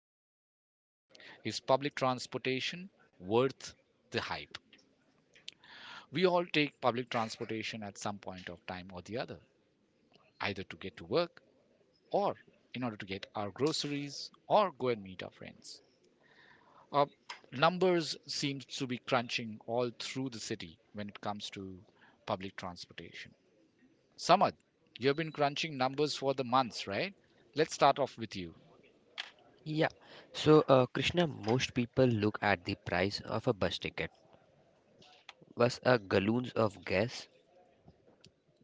to decide, is public transportation worth the hype? We all take public transportation at some point of time or the other, either to get to work or in order to get our groceries or go and meet our friends. Uh, Numbers seem to be crunching all through the city when it comes to public transportation. Samad, you've been crunching numbers for the months, right? Let's start off with you. Yeah. So, Krishna, most people look at the price of a bus ticket was a gallons of gas.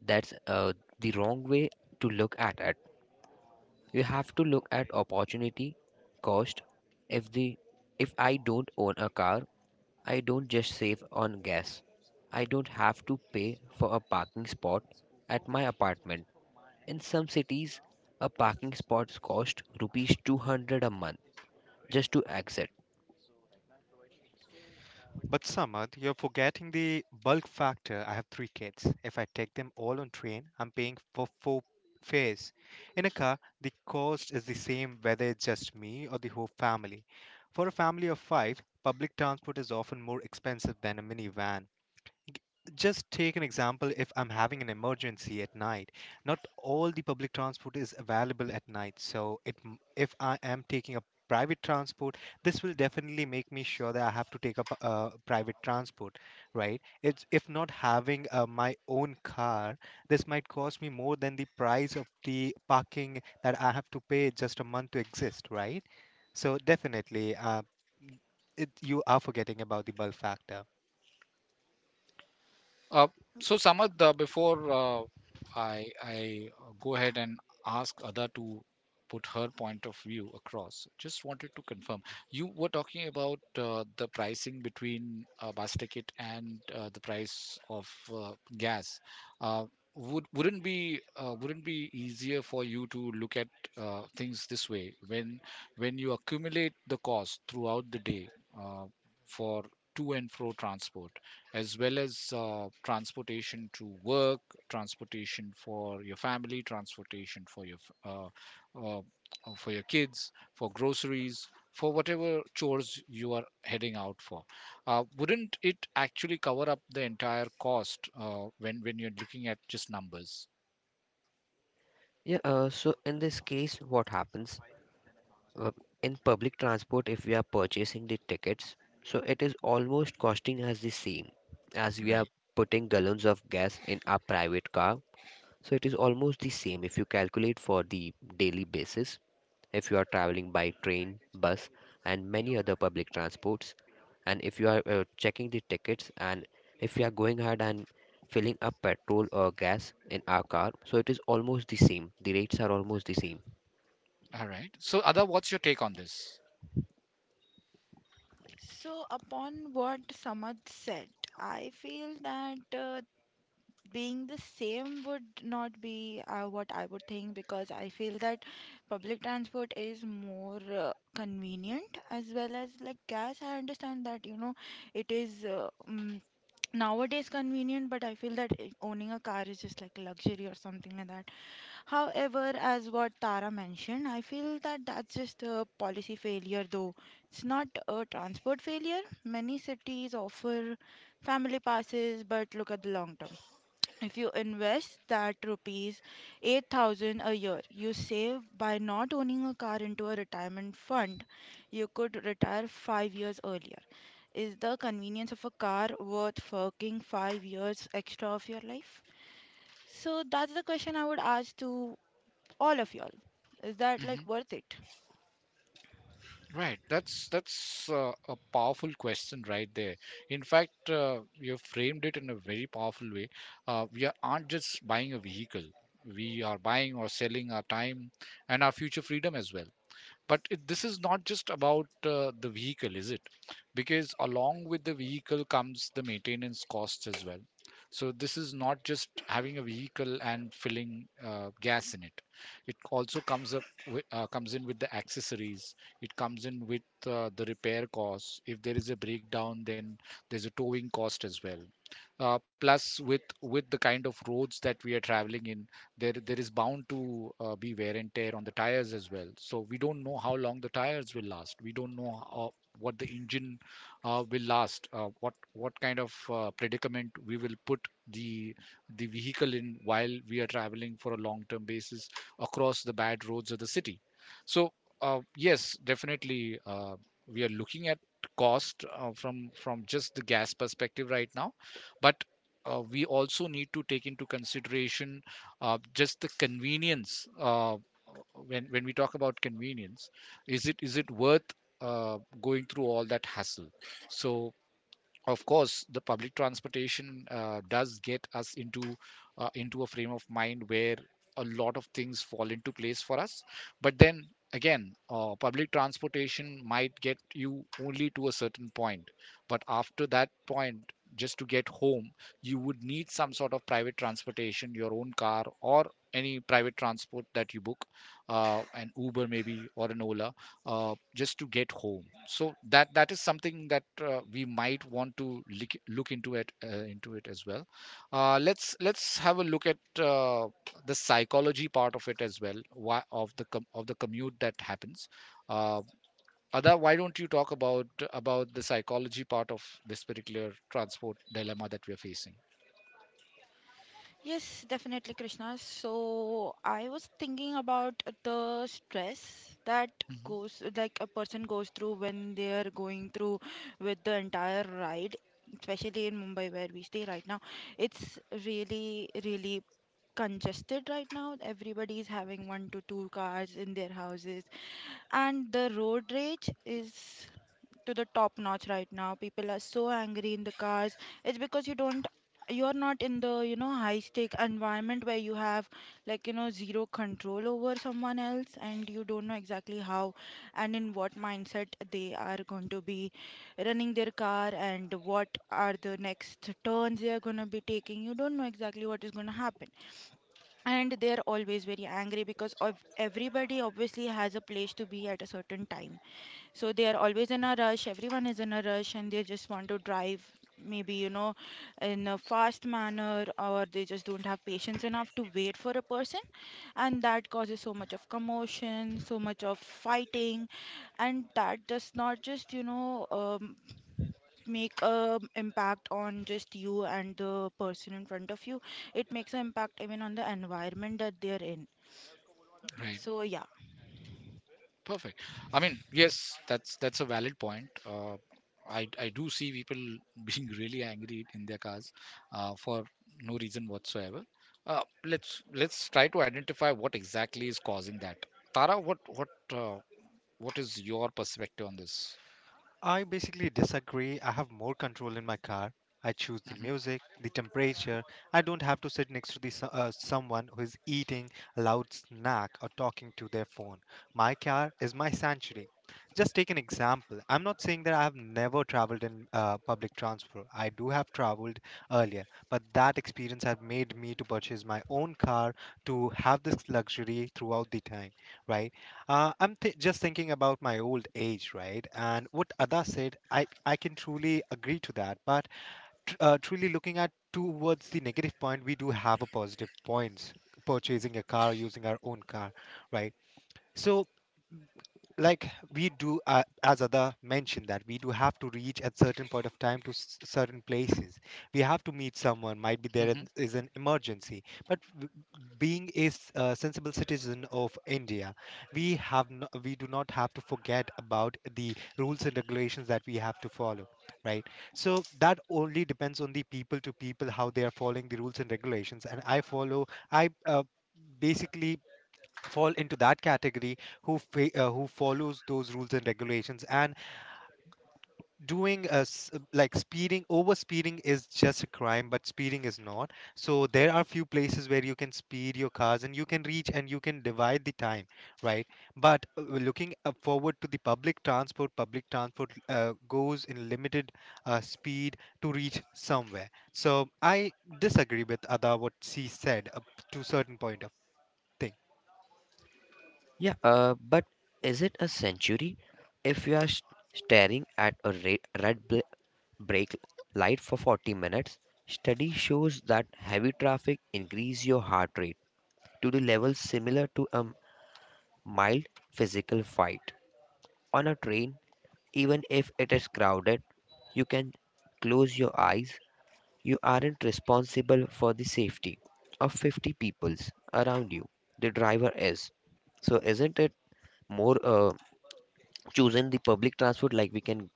That's the wrong way to look at it. You have to look at opportunity, cost. If the if I don't own a car, I don't just save on gas. I don't have to pay for a parking spot at my apartment. In some cities, a parking spot's cost rupees 200 a month just to exit. But Samad, you're forgetting the bulk factor. I have three kids. If I take them all on train, I'm paying for four fares. In a car, the cost is the same whether it's just me or the whole family. For a family of five, public transport is often more expensive than a minivan. Just take an example, if I'm having an emergency at night, not all the public transport is available at night, so if I am taking a private transport, this will definitely make me sure that I have to take up a private transport, right? It's if not having my own car, this might cost me more than the price of the parking that I have to pay just a month to exist, right? So definitely you are forgetting about the bulk factor. Uh, so Samad, before I go ahead and ask Ada to put her point of view across, just wanted to confirm. You were talking about the pricing between bus ticket and the price of gas. Uh, wouldn't be wouldn't be easier for you to look at things this way when you accumulate the cost throughout the day uh, for to and fro transport as well as transportation to work, transportation for your family, transportation for uh, for your kids, for groceries, for whatever chores you are heading out for. Wouldn't it actually cover up the entire cost when you're looking at just numbers? Yeah, so in this case, what happens uh, in public transport if we are purchasing the tickets? So it is almost costing us the same as we are Right. putting gallons of gas in our private car, so it is almost the same if you calculate for the daily basis. If you are traveling by train, bus, and many other public transports, and if you are checking the tickets, and if you are going ahead and filling up petrol or gas in our car, so it is almost the same. The rates are almost the same. All right. So, Ada, what's your take on this? So, upon what Samad said, I feel that being the same would not be what I would think, because I feel that public transport is more convenient as well as like gas. I understand that it is nowadays convenient, but I feel that owning a car is just like luxury or something like that. However, as what Tara mentioned, I feel that that's just a policy failure, though it's not a transport failure. Many cities offer family passes, but look at the long term. If you invest that rupees 8,000 a year, you save by not owning a car into a retirement fund, you could retire 5 years earlier. Is the convenience of a car worth forking 5 years extra of your life? So that's the question I would ask to all of y'all. Is that like Mm-hmm. worth it? Right, that's a powerful question right there. In fact, you framed it in a very powerful way. Aren't just buying a vehicle; we are buying or selling our time and our future freedom as well. This is not just about the vehicle, is it? Because along with the vehicle comes the maintenance costs as well. So this is not just having a vehicle and filling gas in it. It also comes comes in with the accessories. It comes in with the repair costs. If there is a breakdown, then there's a towing cost as well, plus with the kind of roads that we are traveling in, there is bound to be wear and tear on the tires as well. So we don't know how long the tires will last, we don't know what the engine will last, what kind of predicament we will put the the vehicle in while we are traveling for a long term basis across the bad roads of the city. So yes, definitely, we are looking at cost from just the gas perspective right now, but we also need to take into consideration just the convenience. When we talk about convenience, is it worth going through all that hassle? So of course the public transportation does get us into a frame of mind where a lot of things fall into place for us. But then again, public transportation might get you only to a certain point, but after that point, just to get home, you would need some sort of private transportation, your own car or any private transport that you book, an Uber maybe or an Ola, just to get home. So that is something that we might want to look into it as well. Let's have a look at the psychology part of it as well. Why, of the commute that happens. Uh, Ada, why don't you talk about the psychology part of this particular transport dilemma that we are facing? Yes, definitely, Krishna. So I was thinking about the stress that Mhm. goes like a person goes through when they are going through with the entire ride, especially in Mumbai where we stay right now. It's really, really congested right now. Everybody is having one to two cars in their houses, and the road rage is to the top notch right now. People are so angry in the cars. It's because you're not in the high stake environment where you have like zero control over someone else, and you don't know exactly how and in what mindset they are going to be running their car, and what are the next turns they are going to be taking. You don't know exactly what is going to happen, and they're always very angry because of everybody obviously has a place to be at a certain time, so they are always in a rush. Everyone is in a rush and they just want to drive maybe, in a fast manner, or they just don't have patience enough to wait for a person, and that causes so much of commotion, so much of fighting. And that does not just, make a impact on just you and the person in front of you. It makes an impact even on the environment that they are in, Right. so yeah. Perfect. I mean, yes, that's a valid point. I do see people being really angry in their cars for no reason whatsoever. Let's try to identify what exactly is causing that. Tara, what is your perspective on this? I basically disagree. I have more control in my car. I choose the Mhm, music, the temperature. I don't have to sit next to the someone who is eating a loud snack or talking to their phone. My car is my sanctuary. Just take an example. I'm not saying that I have never traveled in public transport. I do have traveled earlier, but that experience has made me to purchase my own car to have this luxury throughout the time, right? I'm just thinking about my old age, right? And what Ada said, I can truly agree to that. But truly looking at towards the negative point, we do have a positive points purchasing a car, using our own car, right? So, like we do as other mentioned, that we do have to reach at certain point of time to certain places. We have to meet someone, might be there mhm. is an emergency, but being a a sensible citizen of India, we have no, we do not have to forget about the rules and regulations that we have to follow, right? So that only depends on the people to people how they are following the rules and regulations, and I follow. I basically fall into that category who who follows those rules and regulations, and doing like speeding, over speeding is just a crime, but speeding is not. So there are few places where you can speed your cars and you can reach and you can divide the time, right? But looking forward to the public transport, public transport goes in limited speed to reach somewhere. So I disagree with Ada what she said up to certain point of thing. Yeah, but is it a century if you are staring at a red brake light for 40 minutes? Study shows that heavy traffic increase your heart rate to the level similar to a mild physical fight. On a train, even if it is crowded, you can close your eyes. You aren't responsible for the safety of 50 peoples around you. The driver is. So isn't it more choosing the public transport, like we can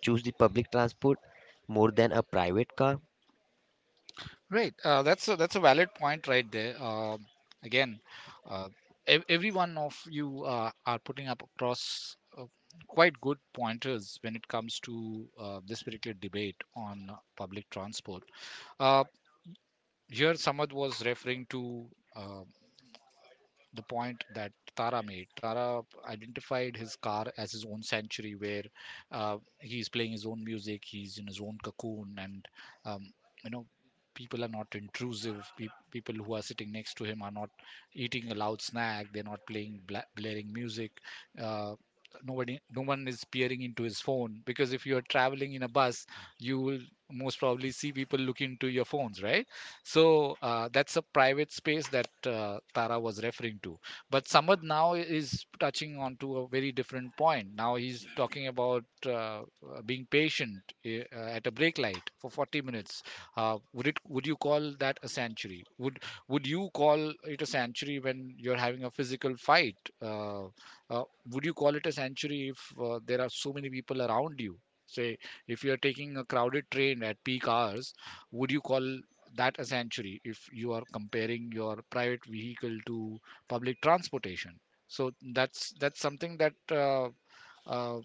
choose the public transport more than a private car? Right. That's a, that's a valid point right there. Again, uh, every one of you are putting up across quite good pointers when it comes to this particular debate on public transport. Uh, Here, Samad was referring to. Uh, the point that Tara made. Tara identified his car as his own sanctuary where he's playing his own music, he's in his own cocoon, and um, you know, people are not intrusive. People who are sitting next to him are not eating a loud snack, they're not playing blaring music. Uh, nobody No one is peering into his phone, because if you're traveling in a bus, you will most probably see people look into your phones, right? So that's a private space that Tara was referring to. But Samad now is touching on to a very different point. Now he's talking about being patient at a brake light for 40 minutes. Would it? Would you call that a sanctuary? Would you call it a sanctuary when you're having a physical fight? Uh, would you call it a sanctuary if there are so many people around you? Say, if you are taking a crowded train at peak hours, would you call that a sanctuary if you are comparing your private vehicle to public transportation? So that's something that uh,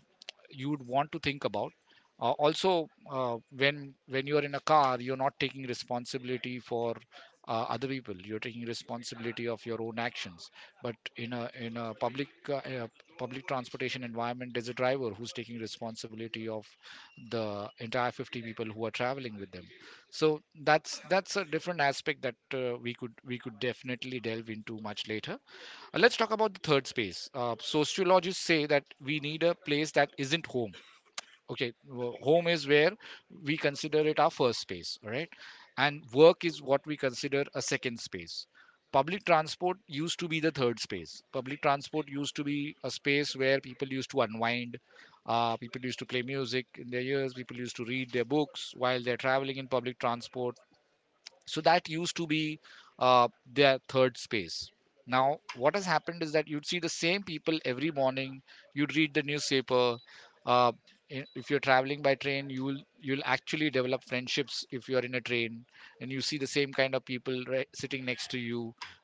you would want to think about. Also, when you are in a car, you're not taking responsibility for other people, you're taking responsibility of your own actions. But in a public public transportation environment, there's a driver who's taking responsibility of the entire 50 people who are traveling with them. So that's a different aspect that we could definitely delve into much later. Let's talk about the third space. Sociologists say that we need a place that isn't home. Okay, home is where we consider it our first space, all right? And work is what we consider a second space. Public transport used to be the third space. Public transport used to be a space where people used to unwind, people used to play music in their ears, people used to read their books while they're traveling in public transport. So that used to be their third space. Now what has happened is that you'd see the same people every morning, you'd read the newspaper. uh, if you're traveling by train, you'll actually develop friendships if you're in a train and you see the same kind of people sitting next to you,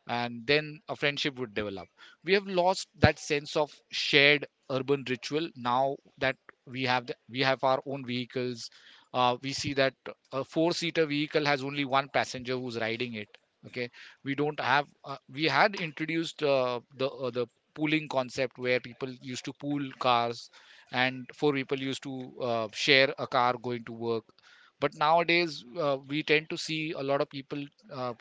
and then a friendship would develop. We have lost that sense of shared urban ritual, now that we have our own vehicles. We see that a four seater vehicle has only one passenger who's riding it. Okay, we don't have we had introduced the pooling concept where people used to pool cars, and four people used to share a car going to work. But nowadays, we tend to see a lot of people uh,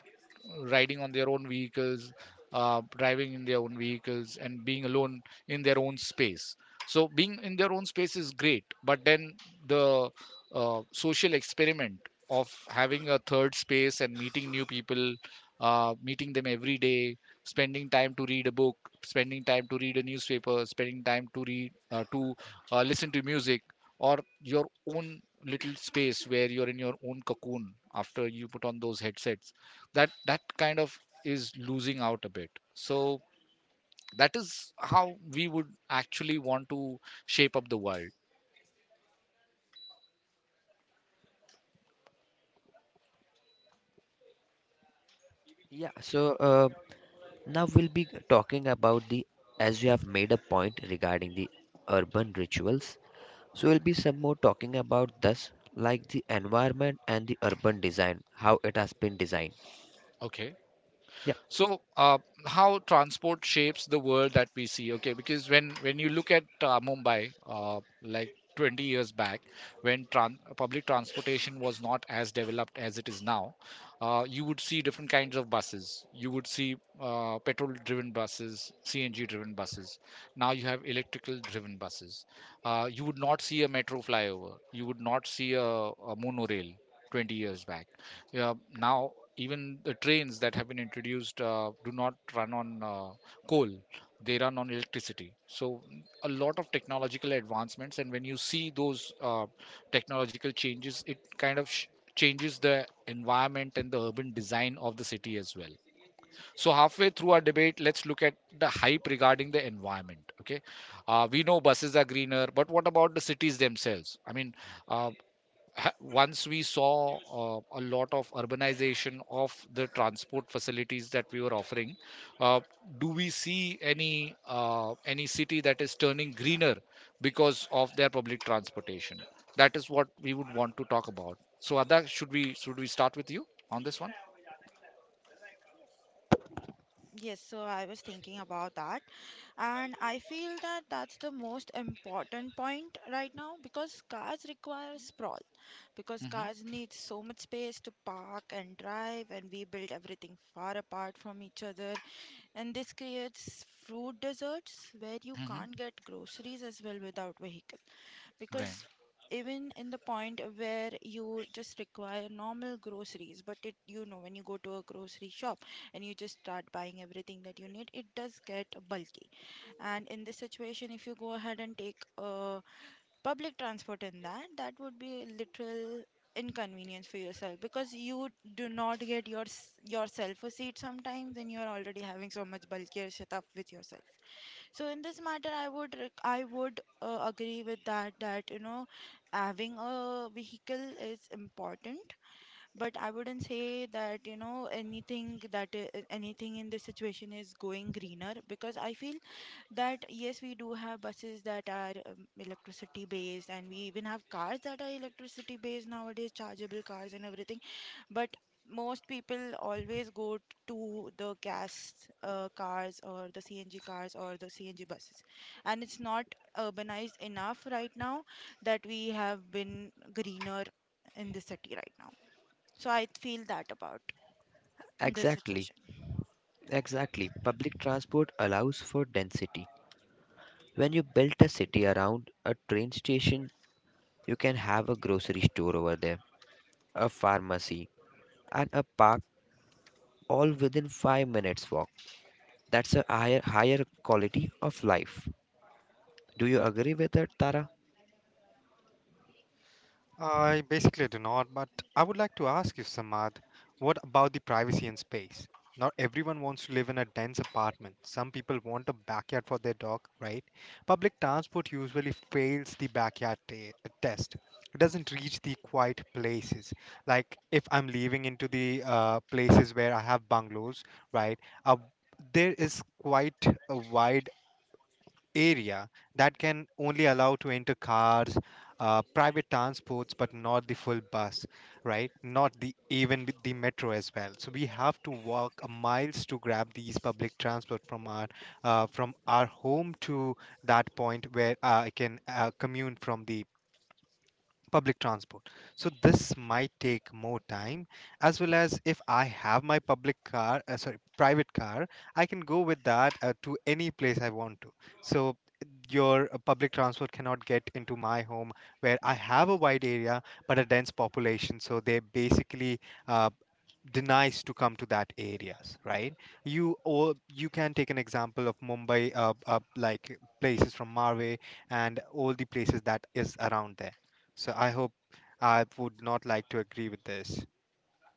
riding on their own vehicles, driving in their own vehicles and being alone in their own space. So being in their own space is great, but then the social experiment of having a third space and meeting new people, meeting them every day, spending time to read a book, spending time to read a newspaper, spending time to read to listen to music, or your own little space where you're in your own cocoon after you put on those headsets, that kind of is losing out a bit. So that is how we would actually want to shape up the world. Yeah, so now we'll be talking about the as you have made a point regarding the urban rituals. So we'll be some more talking about this, like the environment and the urban design, how it has been designed. Okay, Yeah, so how transport shapes the world that we see. Okay, because when you look at Mumbai like 20 years back, when public transportation was not as developed as it is now, you would see different kinds of buses, you would see petrol driven buses, CNG driven buses, now you have electrical driven buses. You would not see a metro flyover, you would not see a monorail 20 years back. Yeah, now even the trains that have been introduced do not run on coal; they run on electricity. So a lot of technological advancements, and when you see those technological changes, it kind of changes the environment and the urban design of the city as well. So halfway through our debate, let's look at the hype regarding the environment. Okay, we know buses are greener, but what about the cities themselves? I mean, uh, once we saw a lot of urbanization of the transport facilities that we were offering. uh, do we see any city that is turning greener because of their public transportation? That is what we would want to talk about. So Adak, should we start with you on this one? Yes, so I was thinking about that, and I feel that that's the most important point right now, because cars require sprawl, because Hmm. cars need so much space to park and drive, and we build everything far apart from each other, and this creates fruit deserts where you Hmm. can't get groceries as well without vehicles. Because Right. even in the point where you just require normal groceries, but it you know when you go to a grocery shop and you just start buying everything that you need, it does get bulky. And in this situation, if you go ahead and take public transport in that, that would be a literal inconvenience for yourself, because you do not get your yourself a seat sometimes, and you're already having so much bulkier stuff with yourself. So in this matter, I would agree with that, that having a vehicle is important. But I wouldn't say that anything that anything in this situation is going greener, because I feel that yes, we do have buses that are electricity based, and we even have cars that are electricity based nowadays, chargeable cars and everything. But most people always go to the gas cars, or the CNG cars, or the CNG buses, and it's not urbanized enough right now that we have been greener in the city right now. So I feel that about this exactly, situation. exactly. Public transport allows for density. When you build a city around a train station, you can have a grocery store over there, a pharmacy, and a park all within 5 minutes walk. That's a higher quality of life. Do you agree with it, Tara? I basically do not, but I would like to ask you, Samad, what about the privacy and space? Not everyone wants to live in a dense apartment. Some people want a backyard for their dog, right? Public transport usually fails the test. It doesn't reach the quiet places. Like if I'm leaving into the places where I have bungalows, right? Uh, there is quite a wide area that can only allow to enter cars, private transports, but not the full bus, right? Not the even with the metro as well. So we have to walk a miles to grab these public transport from our home to that point where I can commute from the public transport. So this might take more time. As well, as if I have my public car, sorry, private car, I can go with that to any place I want to. So your public transport cannot get into my home where I have a wide area but a dense population. So they basically uh, denies to come to that areas, right? You or you can take an example of Mumbai, like places from Marway and all the places that is around there. So I hope I would not like to agree with this,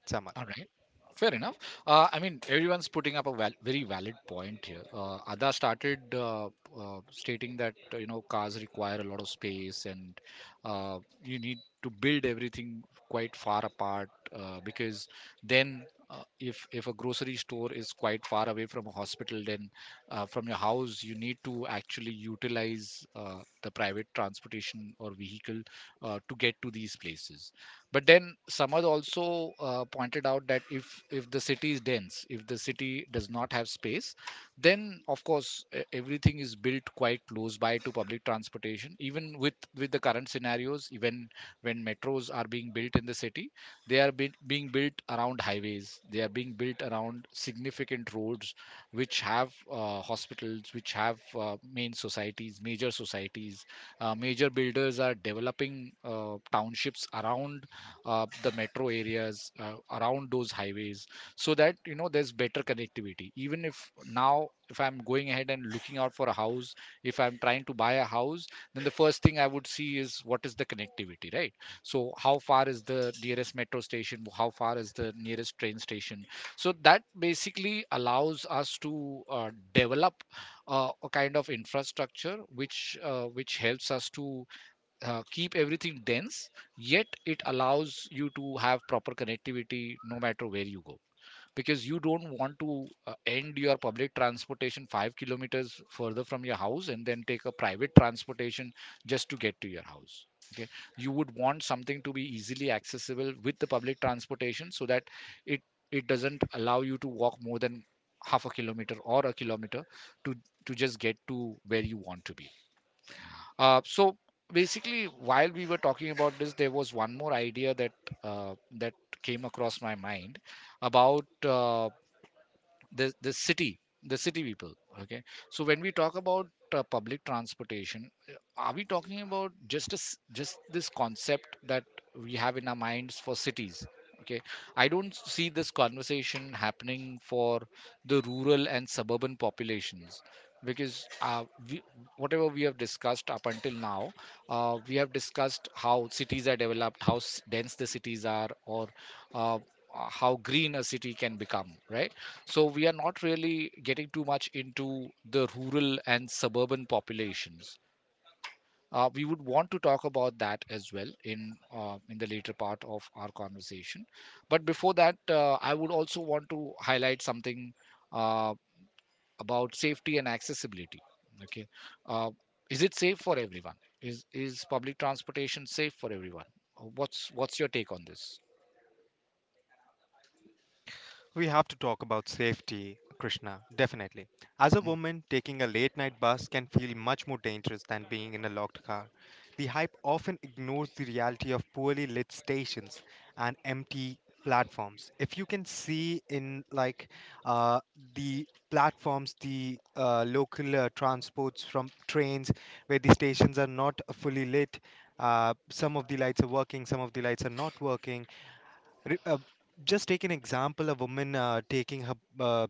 Samal. All right. Fair enough. I mean, everyone's putting up a very valid point here. Ada started stating that you know cars require a lot of space, and you need to build everything quite far apart because then, if a grocery store is quite far away from a hospital, then from your house you need to actually utilize the private transportation or vehicle to get to these places. But then Samad also pointed out that if the city is dense, if the city does not have space, then of course everything is built quite close by to public transportation. Even with the current scenarios, even when metros are being built in the city, they are being built around highways. They are being built around significant roads, which have hospitals, which have main societies, major societies. Major builders are developing townships around the metro areas around those highways, so that you know there's better connectivity. Even if now if I'm going ahead and looking out for a house, if I'm trying to buy a house, then the first thing I would see is what is the connectivity, right? So how far is the nearest metro station, how far is the nearest train station? So that basically allows us to develop a kind of infrastructure which helps us to keep everything dense, yet it allows you to have proper connectivity no matter where you go, because you don't want to end your public transportation 5 kilometers further from your house and then take a private transportation just to get to your house. Okay, you would want something to be easily accessible with the public transportation, so that it it doesn't allow you to walk more than half a kilometer or a kilometer to to just get to where you want to be. So basically, while we were talking about this, there was one more idea that uh, that came across my mind about the city people. Okay, so when we talk about public transportation, are we talking about just a s just this concept that we have in our minds for cities? Okay, I don't see this conversation happening for the rural and suburban populations, because uh, we, whatever we have discussed up until now, we have discussed how cities are developed, how dense the cities are, or uh, how green a city can become, right? So we are not really getting too much into the rural and suburban populations. We would want to talk about that as well in the later part of our conversation. But before that, I would also want to highlight something uh, about safety and accessibility. Okay. uh, is it safe for everyone? Is public transportation safe for everyone? What's your take on this? We have to talk about safety, Krishna, definitely. As a woman, taking a late night bus can feel much more dangerous than being in a locked car. The hype often ignores the reality of poorly lit stations and empty platforms. If you can see in like uh, the platforms, the local transports from trains where the stations are not fully lit, some of the lights are working, some of the lights are not working. Re- uh, just take an example, a woman taking her uh,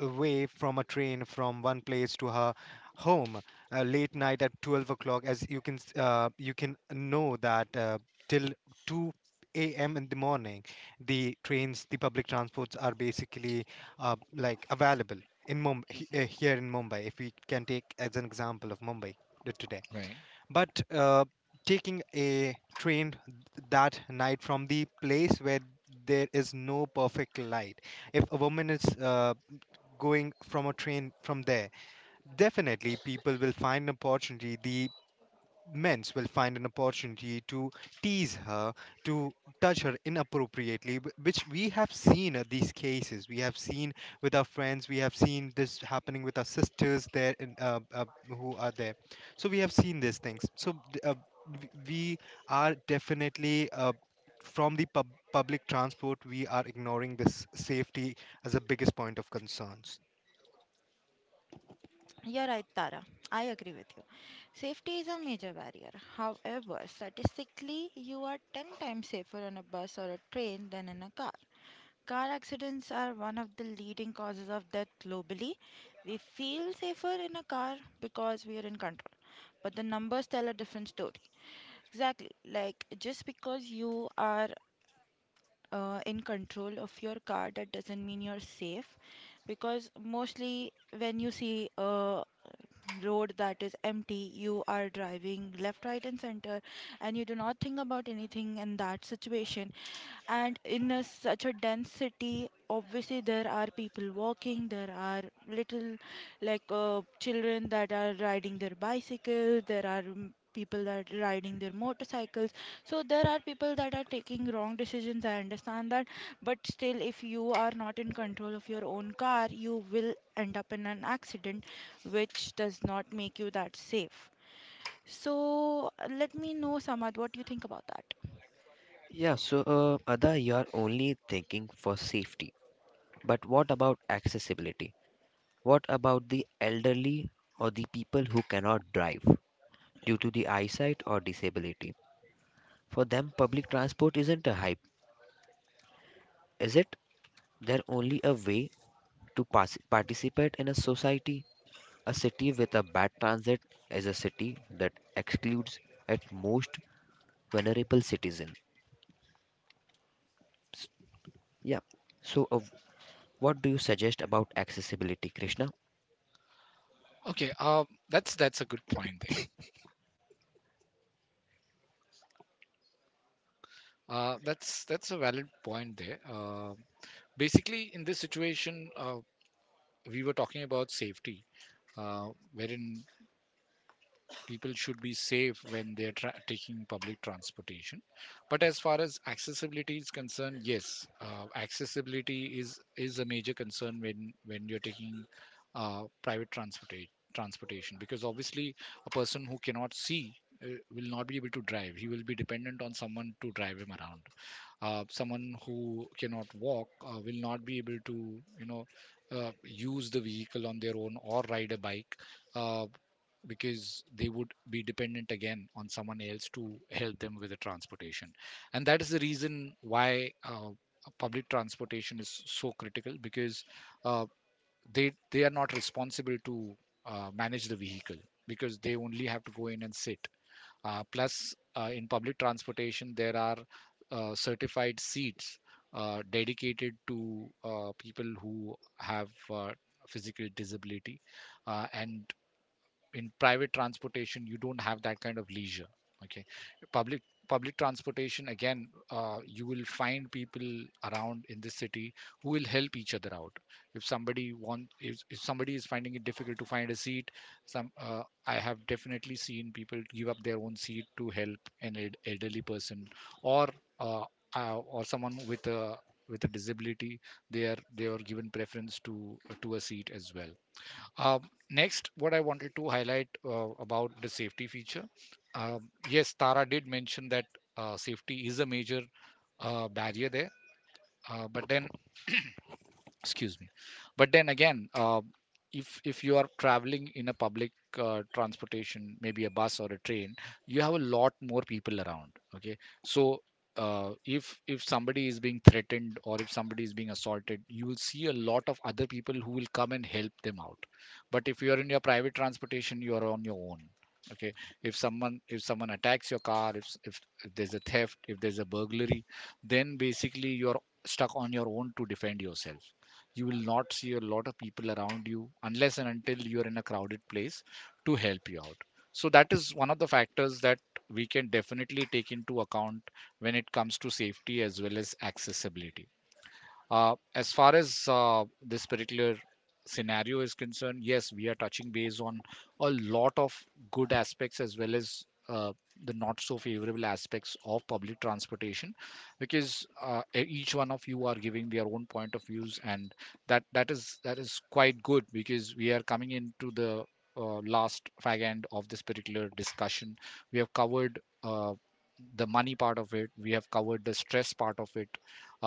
away from a train from one place to her home late night at 12 o'clock. As you can you can know that till 2 a.m. in the morning the trains, the public transports are basically like available in Mumbai, here in Mumbai, if we can take as an example of Mumbai today. Right. But taking a train that night from the place where there is no perfect light, if a woman is going from a train from there, definitely people will find an opportunity. The Men's will find an opportunity to tease her, to touch her inappropriately, which we have seen these cases. We have seen with our friends, we have seen this happening with our sisters there in, who are there. So we have seen these things. So we are definitely from the public transport, we are ignoring this safety as the biggest point of concerns. You're right, Tara. I agree with you. Safety is a major barrier. However, statistically, you are 10 times safer on a bus or a train than in a car. Car accidents are one of the leading causes of death globally. We feel safer in a car because we are in control, but the numbers tell a different story. Exactly. Like, just because you are in control of your car, that doesn't mean you're safe. Because mostly when you see road that is empty, you are driving left, right and center, and you do not think about anything in that situation. And in such a dense city, obviously there are people walking, there are little, like, children that are riding their bicycles, there are, people that are riding their motorcycles. So there are people that are taking wrong decisions, I understand that, but still, if you are not in control of your own car, you will end up in an accident, which does not make you that safe. So let me know, Samad, what do you think about that? Yeah, so Ada, you're only thinking for safety. But what about accessibility? What about the elderly or the people who cannot drive due to the eyesight or disability? For them, public transport isn't a hype, is it? They're only a way to participate in a society. A city with a bad transit is a city that excludes at most vulnerable citizens. Yeah. So, what do you suggest about accessibility, Krishna? Okay, that's a good point. That's a valid point there. Basically, in this situation, we were talking about safety, uh, wherein people should be safe when they're taking public transportation. But as far as accessibility is concerned, yes, accessibility is a major concern when you're taking private transportation because obviously a person who cannot see uh, will not be able to drive. He will be dependent on someone to drive him around. Someone who cannot walk will not be able to you know use the vehicle on their own or ride a bike, uh, because they would be dependent again on someone else to help them with the transportation. And that is the reason why public transportation is so critical, because uh, they are not responsible to manage the vehicle, because they only have to go in and sit. Plus, in public transportation, there are certified seats dedicated to people who have physical disability, and in private transportation you don't have that kind of leisure. Okay, public public transportation again, you will find people around in this city who will help each other out. If somebody want if somebody is finding it difficult to find a seat, some I have definitely seen people give up their own seat to help an elderly person, or uh, or someone with a disability. They are they are given preference to a seat as well. um, Next, what I wanted to highlight about the safety feature. Yes, Tara did mention that safety is a major barrier there, but then, excuse me, but then again, if you are traveling in a public transportation, maybe a bus or a train, you have a lot more people around. Okay, so if somebody is being threatened, or if somebody is being assaulted, you will see a lot of other people who will come and help them out. But if you are in your private transportation, you are on your own. Okay, if someone, if someone attacks your car, if there's a theft, if there's a burglary, then basically you're stuck on your own to defend yourself. You will not see a lot of people around you unless and until you're in a crowded place to help you out. So that is one of the factors that we can definitely take into account when it comes to safety as well as accessibility. As far as this particular scenario is concerned, yes, we are touching base on a lot of good aspects as well as the not so favorable aspects of public transportation, because each one of you are giving their own point of views, and that is that is quite good, because we are coming into the last fag end of this particular discussion. We have covered, the money part of it, we have covered the stress part of it,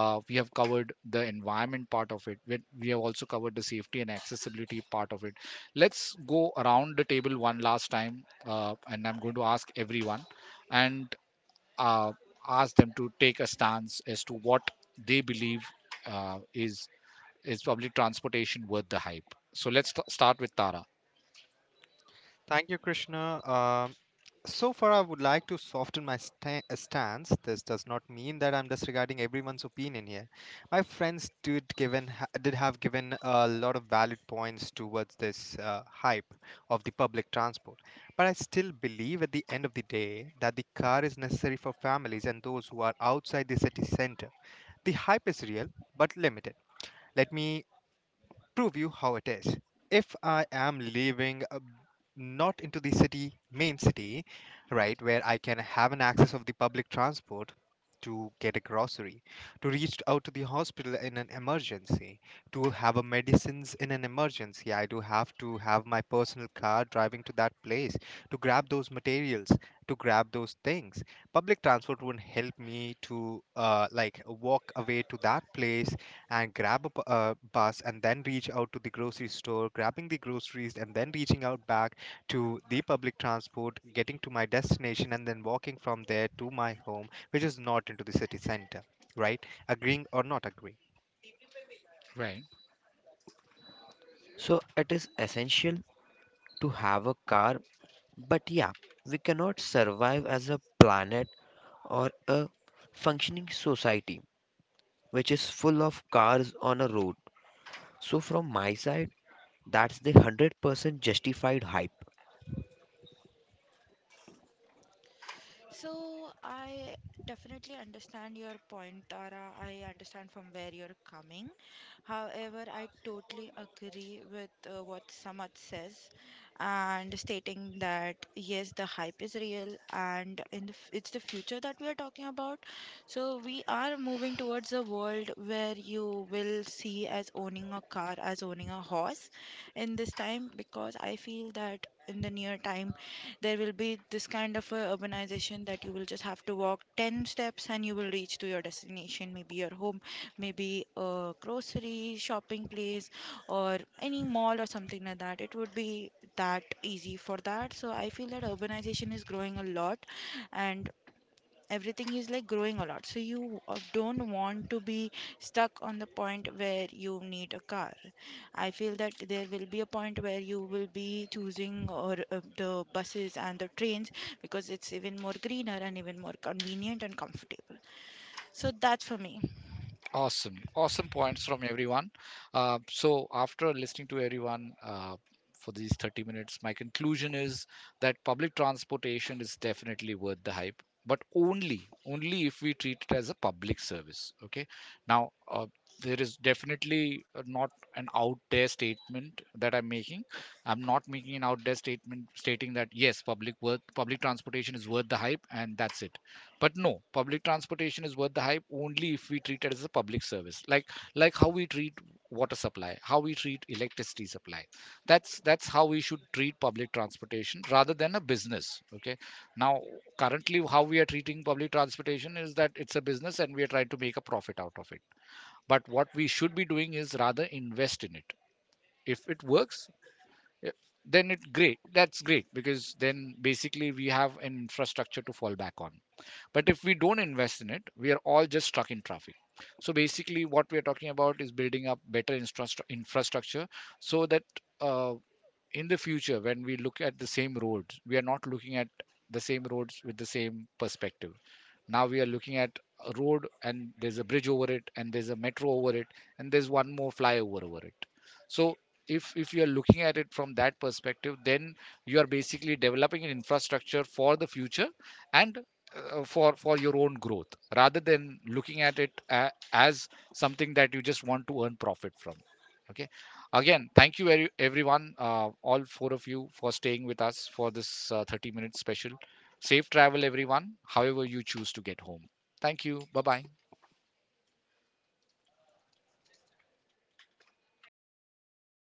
we have covered the environment part of it. We have also covered the safety and accessibility part of it. Let's go around the table one last time, and I'm going to ask everyone and uh, ask them to take a stance as to what they believe uh, is is public transportation worth the hype. So let's start with Tara. Thank you, Krishna. Um, so far, I would like to soften my stance. This does not mean that I'm disregarding everyone's opinion here. My friends did given did have given a lot of valid points towards this hype of the public transport, but I still believe at the end of the day that the car is necessary for families and those who are outside the city center. The hype is real but limited. Let me prove you how it is. If I am living not into the city, main city, right, where I can have an access of the public transport to get a grocery, to reach out to the hospital in an emergency, to have a medicines in an emergency, I do have to have my personal car driving to that place to grab those materials, to grab those things. Public transport won't help me to like walk away to that place and grab a bus and then reach out to the grocery store, grabbing the groceries and then reaching out back to the public transport, getting to my destination and then walking from there to my home, which is not into the city center, right? Agreeing or not agreeing. Right. So, it is essential to have a car. But yeah, we cannot survive as a planet or a functioning society which is full of cars on a road. So, from my side, that's the 100% justified hype. So I definitely understand your point, Tara. I understand from where you're coming. However, I totally agree with what Samad says, and stating that yes, the hype is real, and in it's the future that we are talking about. So we are moving towards a world where you will see as owning a car as owning a horse in this time, because I feel that in the near time there will be this kind of a urbanization that you will just have to walk 10 steps and you will reach to your destination, maybe your home, maybe a grocery shopping place, or any mall or something like that. It would be that easy for that. So I feel that urbanization is growing a lot, and everything is like growing a lot, so you don't want to be stuck on the point where you need a car. I feel that there will be a point where you will be choosing or the buses and the trains, because it's even more greener and even more convenient and comfortable. So that's for me. Awesome. Awesome points from everyone. So, after listening to everyone for these 30 minutes, my conclusion is that public transportation is definitely worth the hype, but only if we treat it as a public service. Okay. Now, there is definitely not an out there statement that I'm making. I'm not making an out there statement stating that yes, public transportation is worth the hype, and that's it. But no, public transportation is worth the hype only if we treat it as a public service, like how we treat water supply, how we treat electricity supply. That's how we should treat public transportation rather than a business. Okay, now currently how we are treating public transportation is that it's a business and we are trying to make a profit out of it, but what we should be doing is rather invest in it. If it works, eh, then it great that's great, because then basically we have an infrastructure to fall back on. But if we don't invest in it, we are all just stuck in traffic. So basically, what we are talking about is building up better infrastructure, so that, Uh, in the future, when we look at the same roads, we are not looking at the same roads with the same perspective. Now we are looking at a road and there's a bridge over it and there's a metro over it, and there's one more flyover over it. So if you are looking at it from that perspective, then you are basically developing an infrastructure for the future and for your own growth, rather than looking at it as something that you just want to earn profit from. Okay, again, thank you very everyone, all four of you, for staying with us for this 30-minute special. Safe travel, everyone, however you choose to get home. Thank you. Bye bye.